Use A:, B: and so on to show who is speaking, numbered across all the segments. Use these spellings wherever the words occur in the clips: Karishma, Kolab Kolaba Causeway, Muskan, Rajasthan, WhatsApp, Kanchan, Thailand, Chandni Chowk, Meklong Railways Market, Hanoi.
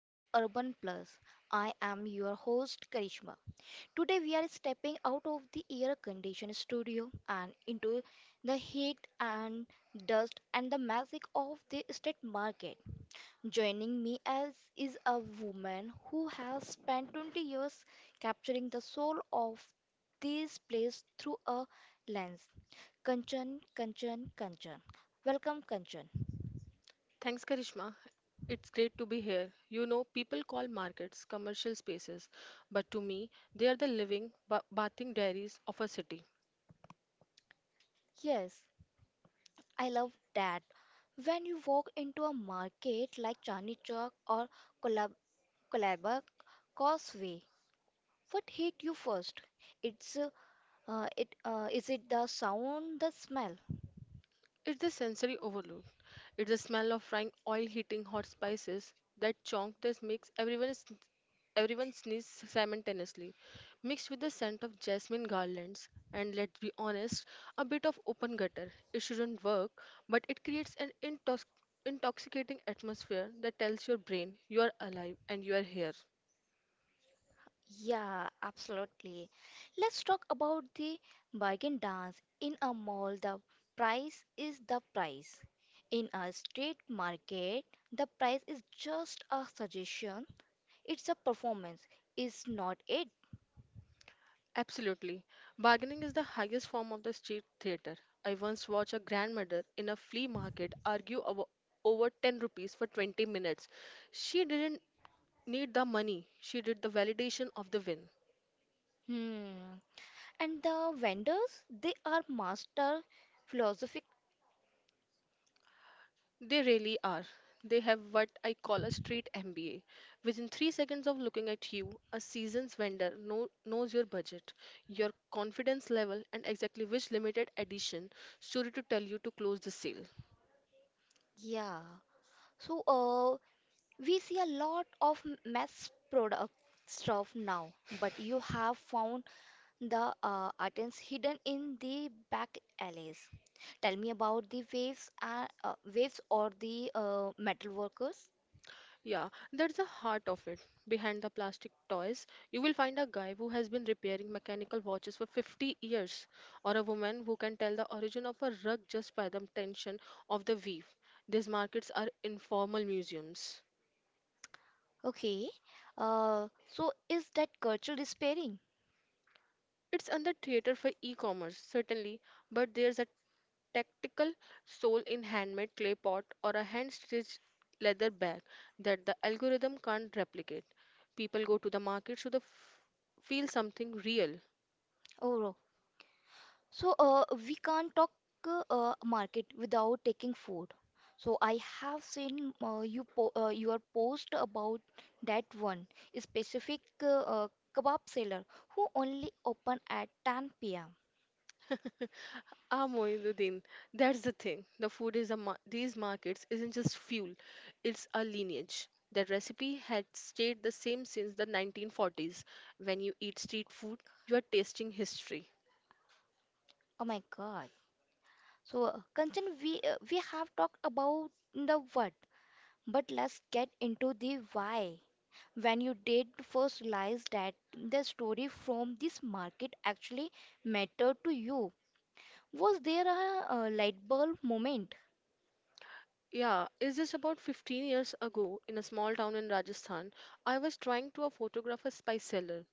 A: to the Urban Plus. I am your host Karishma. Today we are stepping out of the air conditioned studio and into the heat and dust and the magic of the estate market. Joining me as is a woman who has spent 20 years capturing the soul of this place through a lens. Kanchan. Welcome Kanchan.
B: Thanks, Karishma. It's great to be here. You know, people call markets commercial spaces, but to me, they are the living, bathing dairies of a city.
A: Yes, I love that. When you walk into a market like Chandni Chowk or Kolab Kolaba Causeway, what hit you first? It's it is it the sound, the smell?
B: It's the sensory overload. It's the smell of frying oil hitting hot spices. That chonk that makes everyone sneeze simultaneously, mixed with the scent of jasmine garlands. And let's be honest, a bit of open gutter. It shouldn't work, but it creates an intoxicating atmosphere that tells your brain you are alive and you are here.
A: Yeah, absolutely. Let's talk about the bargain dance in a mall. The price is the price. In a street market, the price is just a suggestion. It's a performance, is not it?
B: Absolutely. Bargaining is the highest form of the street theater. I once watched a grandmother in a flea market argue over 10 rupees for 20 minutes. She didn't need the money, she did the validation of the win.
A: Hmm. And the vendors, they are master philosophic.
B: They really are. They have what I call a street MBA. Within 3 seconds of looking at you, a seasoned vendor knows your budget, your confidence level, and exactly which limited edition story to tell you to close the sale.
A: Yeah. So we see a lot of mass product stuff now, but you have found the items hidden in the back alleys. Tell me about the waves and waves or the metal workers.
B: Yeah, that's the heart of it. Behind the plastic toys, you will find a guy who has been repairing mechanical watches for 50 years, or a woman who can tell the origin of a rug just by the tension of the weave. These markets are informal museums.
A: Okay. So is that cultural despairing?
B: It's under theater for e commerce, certainly, but there's a tactical soul in handmade clay pot or a hand stitched leather bag that the algorithm can't replicate. People go to the markets to feel something real.
A: Oh, so, we can't talk market without taking food. So, I have seen your post about that one specific kebab seller who only open at 10 p.m.
B: Ah, Moinuddin, that's the thing. The food is these markets isn't just fuel; it's a lineage. That recipe had stayed the same since the 1940s. When you eat street food, you are tasting history.
A: Oh my God. So, Kanchan, we have talked about the what, but let's get into the why. When you did first realize that the story from this market actually mattered to you, was there a, light bulb moment?
B: Yeah, it's just about 15 years ago in a small town in Rajasthan, I was trying to photograph a spice seller.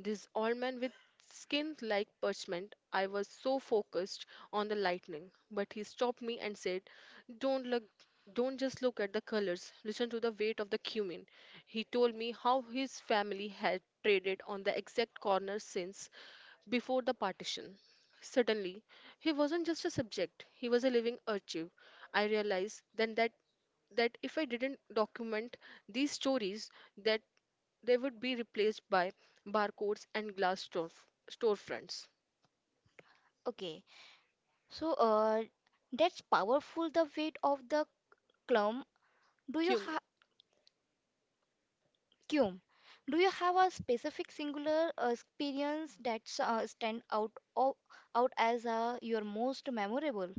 B: This old man with skin like parchment, I was so focused on the lightning. But he stopped me and said, Don't look don't just look at the colors, listen to the weight of the cumin. He told me how his family had traded on the exact corner since before the partition. Suddenly, he wasn't just a subject, he was a living archive. I realized then that if I didn't document these stories, that they would be replaced by barcodes and glass store storefronts.
A: Okay, so that's powerful. The weight of the clum. Do you
B: Cum-
A: have cum? Do you have a specific singular experience that's stand out as your most memorable?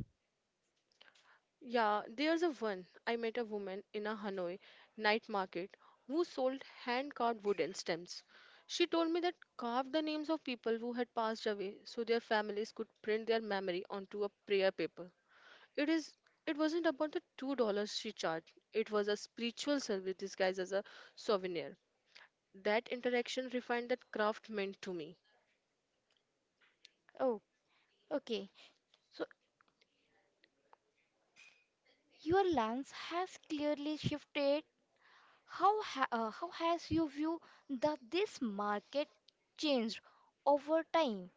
B: Yeah, there's a one. I met a woman in a Hanoi night market who sold hand carved wooden stems. She told me that carved the names of people who had passed away so their families could print their memory onto a prayer paper. It is it wasn't about the $2 she charged. It was a spiritual service disguised as a souvenir. That interaction refined that craft meant to me.
A: Oh, okay. So your lens has clearly shifted. How has your view that this market changed over time?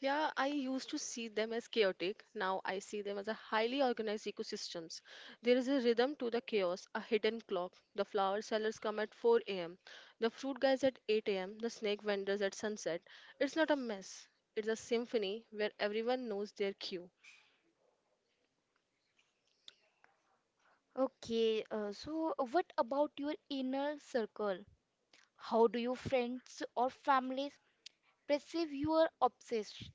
B: Yeah, I used to see them as chaotic. Now I see them as a highly organized ecosystems. There is a rhythm to the chaos, a hidden clock. The flower sellers come at 4 a.m. The fruit guys at 8 a.m. The snake vendors at sunset. It's not a mess. It's a symphony where everyone knows their cue.
A: Okay, so what about your inner circle? How do your friends or families perceive your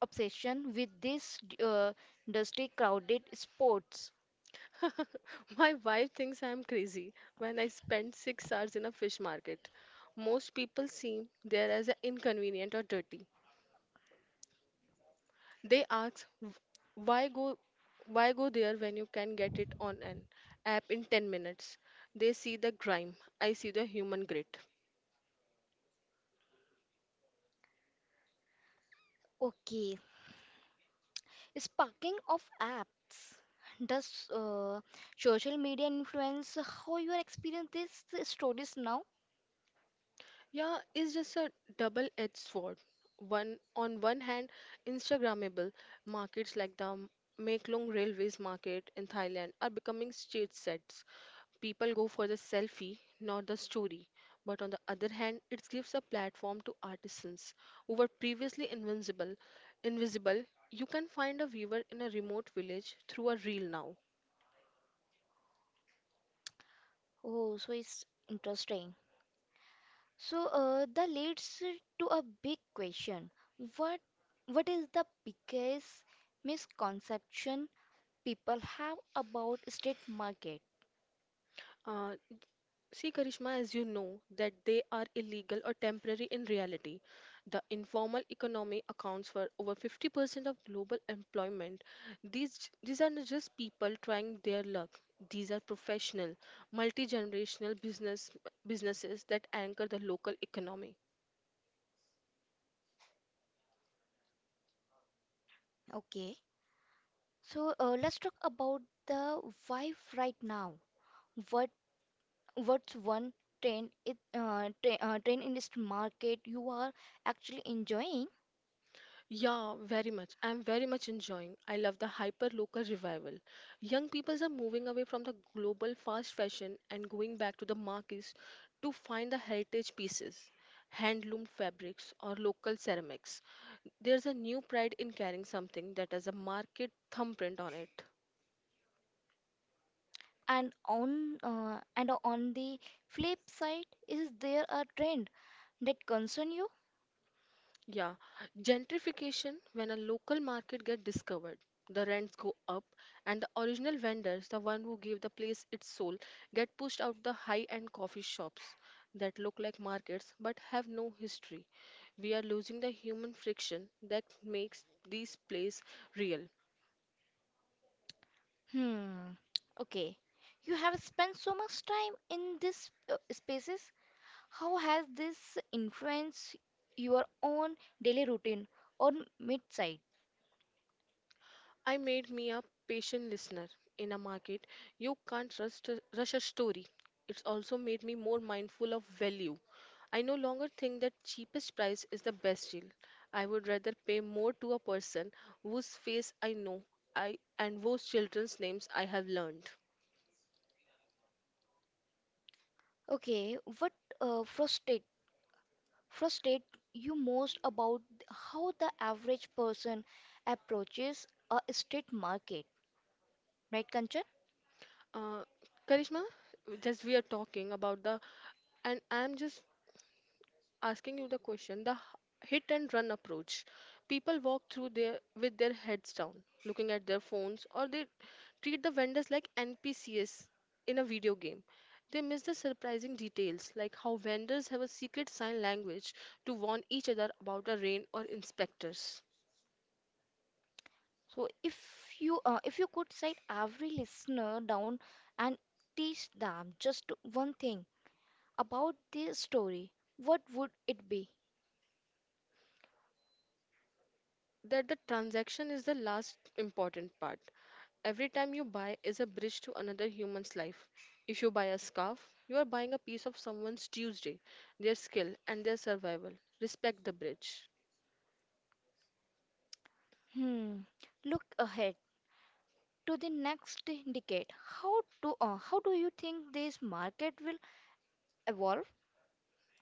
A: obsession with this dusty, crowded sports?
B: My wife thinks I'm crazy when I spend 6 hours in a fish market. Most people see there as inconvenient or dirty. They ask, why go there when you can get it on an app in 10 minutes?" They see the grime. I see the human grit.
A: Okay, sparking of apps. Does social media influence how you experience these stories now?
B: Yeah, it's just a double-edged sword. One on one hand, Instagrammable markets like the Meklong Railways Market in Thailand are becoming stage sets. People go for the selfie, not the story. But on the other hand, it gives a platform to artisans who were previously invincible. Invisible, you can find a weaver in a remote village through a reel now.
A: Oh, so it's interesting. So that leads to a big question. What what is the biggest misconception people have about state market?
B: Uh, See, Karishma, as you know, that they are illegal or temporary in reality. The informal economy accounts for over 50% of global employment. These are not just people trying their luck. These are professional, multi-generational business businesses that anchor the local economy.
A: Okay. So let's talk about the why right now. What what's one trend it tra trend in this market you are actually enjoying?
B: Yeah, very much. I'm very much enjoying. I love the hyper local revival. Young peoples are moving away from the global fast fashion and going back to the markets to find the heritage pieces, handloom fabrics or local ceramics. There's a new pride in carrying something that has a market thumbprint on it.
A: And on the flip side, is there a trend that concern you?
B: Yeah, gentrification when a local market gets discovered, the rents go up and the original vendors, the one who gave the place its soul, get pushed out the high-end coffee shops that look like markets but have no history. We are losing the human friction that makes these places real.
A: Hmm. Okay. You have spent so much time in these spaces. How has this influenced your own daily routine or mid-side?
B: I made me a patient listener in a market. You can't rush a story. It's also made me more mindful of value. I no longer think that cheapest price is the best deal. I would rather pay more to a person whose face I know I and whose children's names I have learned.
A: Okay. What uh, frustrate frustrate you most about how the average person approaches a street market, right, Kanchan?
B: Uh, Karishma, just we are talking about the, and I'm just asking you the question the hit and run approach. People walk through there with their heads down looking at their phones, or they treat the vendors like npcs in a video game. They miss the surprising details like how vendors have a secret sign language to warn each other about a rain or inspectors,
A: So if you could sit every listener down and teach them just one thing about this story, what would it be?
B: that the transaction is the last important part. Every time you buy is a bridge to another human's life. If you buy a scarf, you are buying a piece of someone's Tuesday, their skill, and their survival. Respect the bridge.
A: Hmm. Look ahead to the next decade. How how do you think this market will evolve?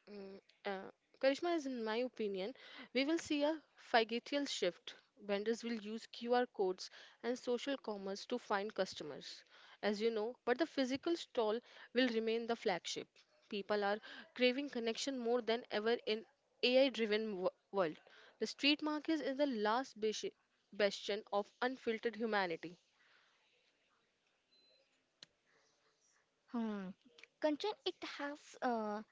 B: Mm, uh, Karishma, is in my opinion, we will see a phygital shift. Vendors will use QR codes and social commerce to find customers, as you know, but the physical stall will remain the flagship. People are craving connection more than ever in AI-driven world. The street market is the bastion of unfiltered humanity.
A: Hmm. Kanchan, it has uh,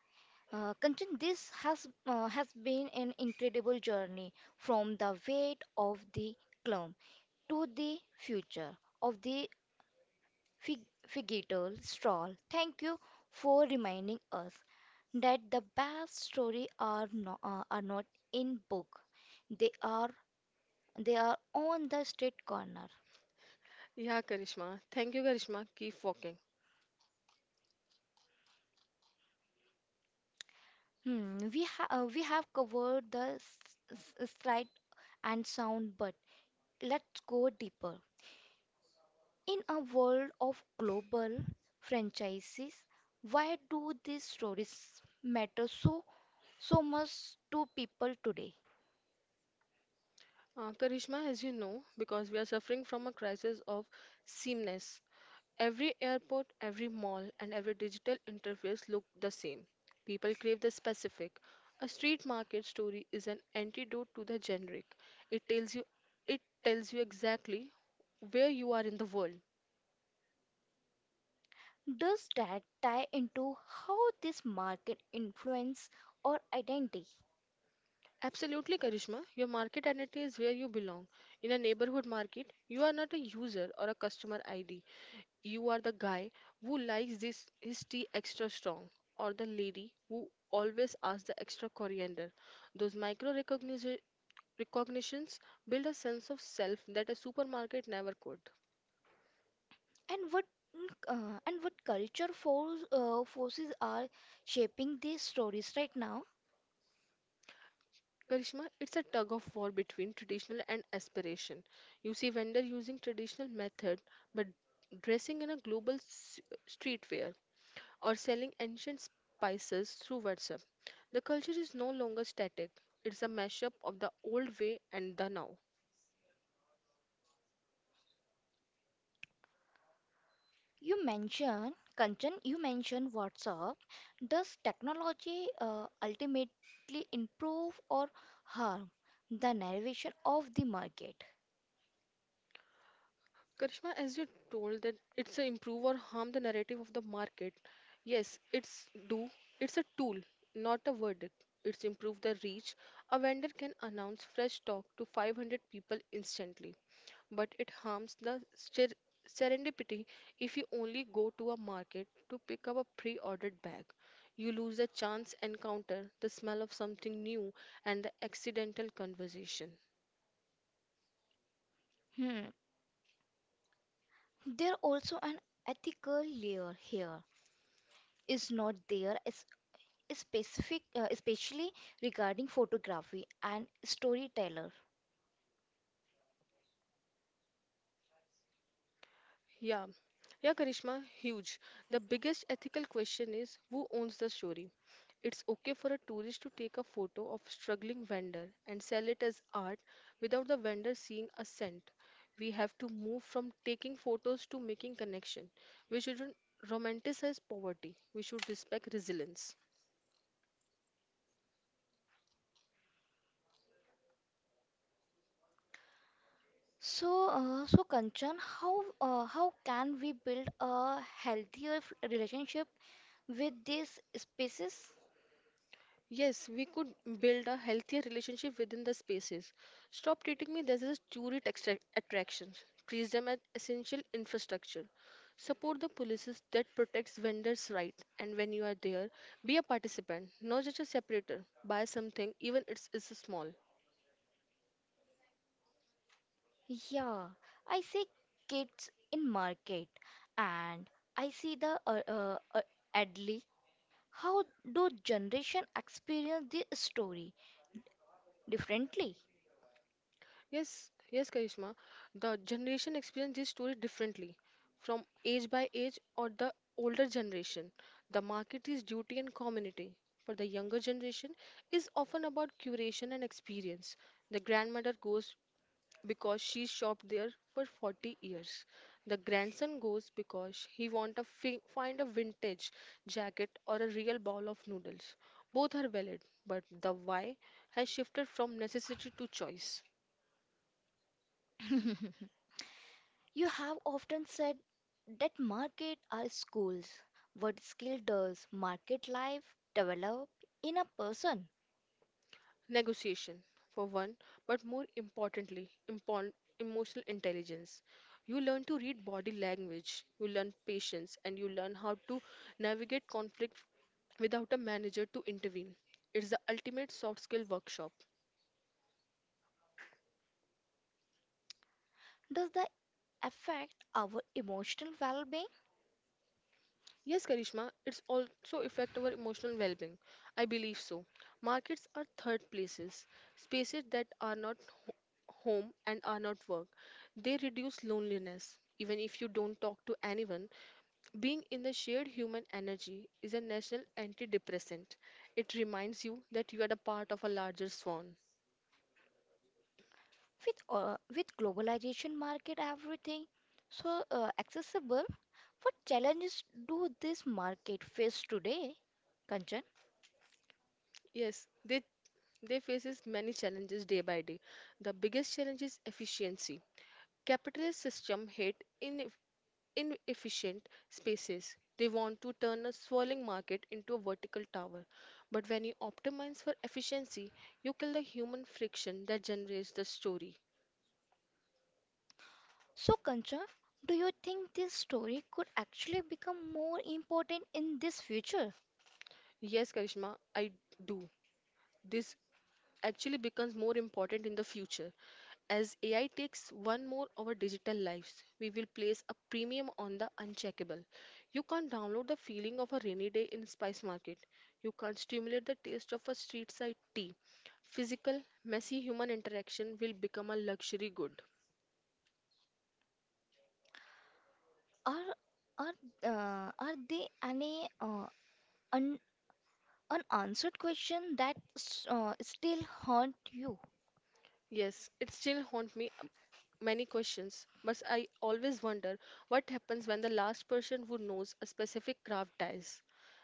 A: Kanchan, this has been an incredible journey from the weight of the clump to the future of the fig- figgital stroll. Thank you for reminding us that the best story are not in book, they are, they are on the street corner.
B: Yeah, Karishma. Thank you, Karishma. Keep walking.
A: Hmm. We have covered the sight and sound, but let's go deeper. In a world of global franchises, why do these stories matter so much to people today?
B: Karishma, as you know, because we are suffering from a crisis of sameness. Every airport, every mall, and every digital interface look the same. People crave the specific. A street market story is an antidote to the generic. It tells you, it tells you exactly where you are in the world.
A: Does that tie into how this market influence or identity?
B: Absolutely, Karishma. Your market identity is where you belong. In a neighborhood market, you are not a user or a customer ID. You are the guy who likes this his tea extra strong, or the lady who always asks the extra coriander. Those micro recognition recognitions build a sense of self that a supermarket never could.
A: And what culture force, forces are shaping these stories right now?
B: Karishma, it's a tug of war between traditional and aspiration. You see vendor using traditional method but dressing in a streetwear, or selling ancient spices through WhatsApp. The culture is no longer static, it's a mashup of the old way and the now.
A: You mentioned Kanchan, you mentioned WhatsApp. Does technology ultimately improve or harm the narration of the market?
B: Karishma, as you told that it's a improve or harm the narrative of the market. Yes, it's do. It's a tool, not a verdict. It's improve the reach. A vendor can announce fresh stock to 500 people instantly, but it harms the serendipity if you only go to a market to pick up a pre-ordered bag. You lose the chance encounter, the smell of something new, and the accidental conversation.
A: Hmm. There also an ethical layer here, is not there? Is as specific, especially regarding photography and storyteller.
B: Yeah, yeah, Karishma, huge. The biggest ethical question is who owns the story? It's okay for a tourist to take a photo of struggling vendor and sell it as art without the vendor seeing a cent. We have to move from taking photos to making connection. We shouldn't romanticize poverty. We should respect resilience.
A: So, so Kanchan, how can we build a healthier relationship with these species?
B: Yes, we could build a healthier relationship within the spaces. Stop treating me as a tourist attraction. Treat them as essential infrastructure. Support the policies that protects vendors' rights. And when you are there, be a participant, not just a separator. Buy something, even it's small.
A: Yeah, I see kids in market, and I see the Adli. How do generation experience the story differently?
B: Yes, yes, Karishma. The generation experience this story differently from age by age or the older generation. The market is duty and community. For the younger generation is often about curation and experience. The grandmother goes because she shopped there for 40 years. The grandson goes because he want to find a vintage jacket or a real bowl of noodles. Both are valid, but the why has shifted from necessity to choice.
A: You have often said that market are schools. What skill does market life develop in a person?
B: Negotiation for one, but more importantly, emotional intelligence. You learn to read body language, you learn patience, and you learn how to navigate conflict without a manager to intervene. It's the ultimate soft skill workshop.
A: Does that affect our emotional well-being
B: Yes, Karishma, it's also affect our emotional well-being. I believe so. Markets are third places, spaces that are not ho- home and are not work. They reduce loneliness even if you don't talk to anyone. Being in the shared human energy is a national antidepressant. It reminds you that you are a part of a larger swan.
A: with globalization market everything so accessible? What challenges do this market face today, Kanchan?
B: Yes, they faces many challenges day by day. The biggest challenge is efficiency. Capitalist system hate in inefficient spaces. They want to turn a swirling market into a vertical tower. But when you optimize for efficiency, you kill the human friction that generates the story.
A: So Kanchan, do you think this story could actually become more important in this future?
B: Yes, Karishma, I do. This actually becomes more important in the future. As AI takes one more our digital lives, we will place a premium on the uncheckable. You can't download the feeling of a rainy day in spice market. You can't stimulate the taste of a street side tea. Physical, messy human interaction will become a luxury good.
A: Are are are there any un unanswered question that still haunt you?
B: Yes, it still haunts me many questions, but I always wonder what happens when the last person who knows a specific craft dies.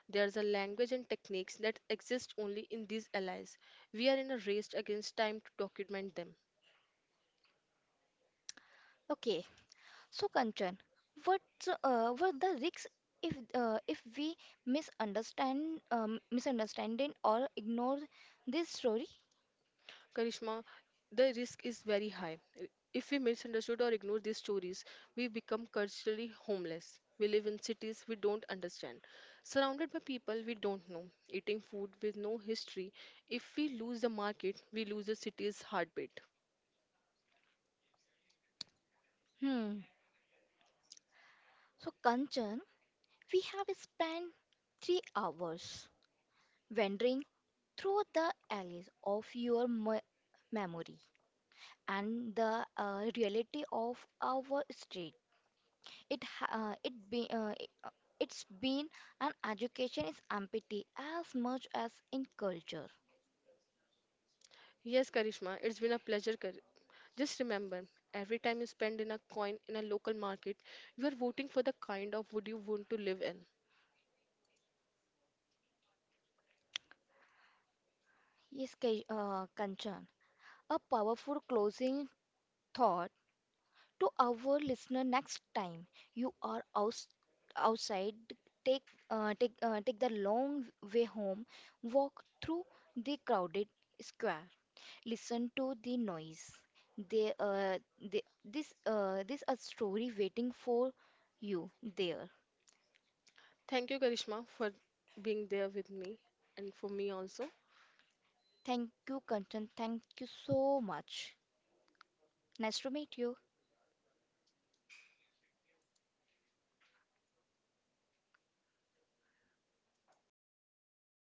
B: There's a language and techniques that exist only in these allies. We are in a race against time to document them.
A: Okay, so Kanchan, what the risks if we misunderstand it or ignore this story?
B: Karishma, the risk is very high. If we misunderstood or ignore these stories, we become culturally homeless. We live in cities we don't understand, surrounded by people we don't know, eating food with no history. If we lose the market, we lose the city's heartbeat.
A: Hmm. So Kanchan, we have spent 3 hours wandering through the alleys of your memory and the reality of our street. It ha- it be it- It's been an education is empty as much as in culture.
B: Yes, Karishma, it's been a pleasure. Kar- Just remember, every time you spend in a coin in a local market, you are voting for the kind of wood you want to live in.
A: Yes, Kanchan, a powerful closing thought to our listener. Next time you are outside, take take the long way home, walk through the crowded square, listen to the noise. They, uh, this this a story waiting for you there.
B: Thank you, Karishma, for being there with me and for me also.
A: Thank you, Kanchan. Thank you so much. Nice to meet you.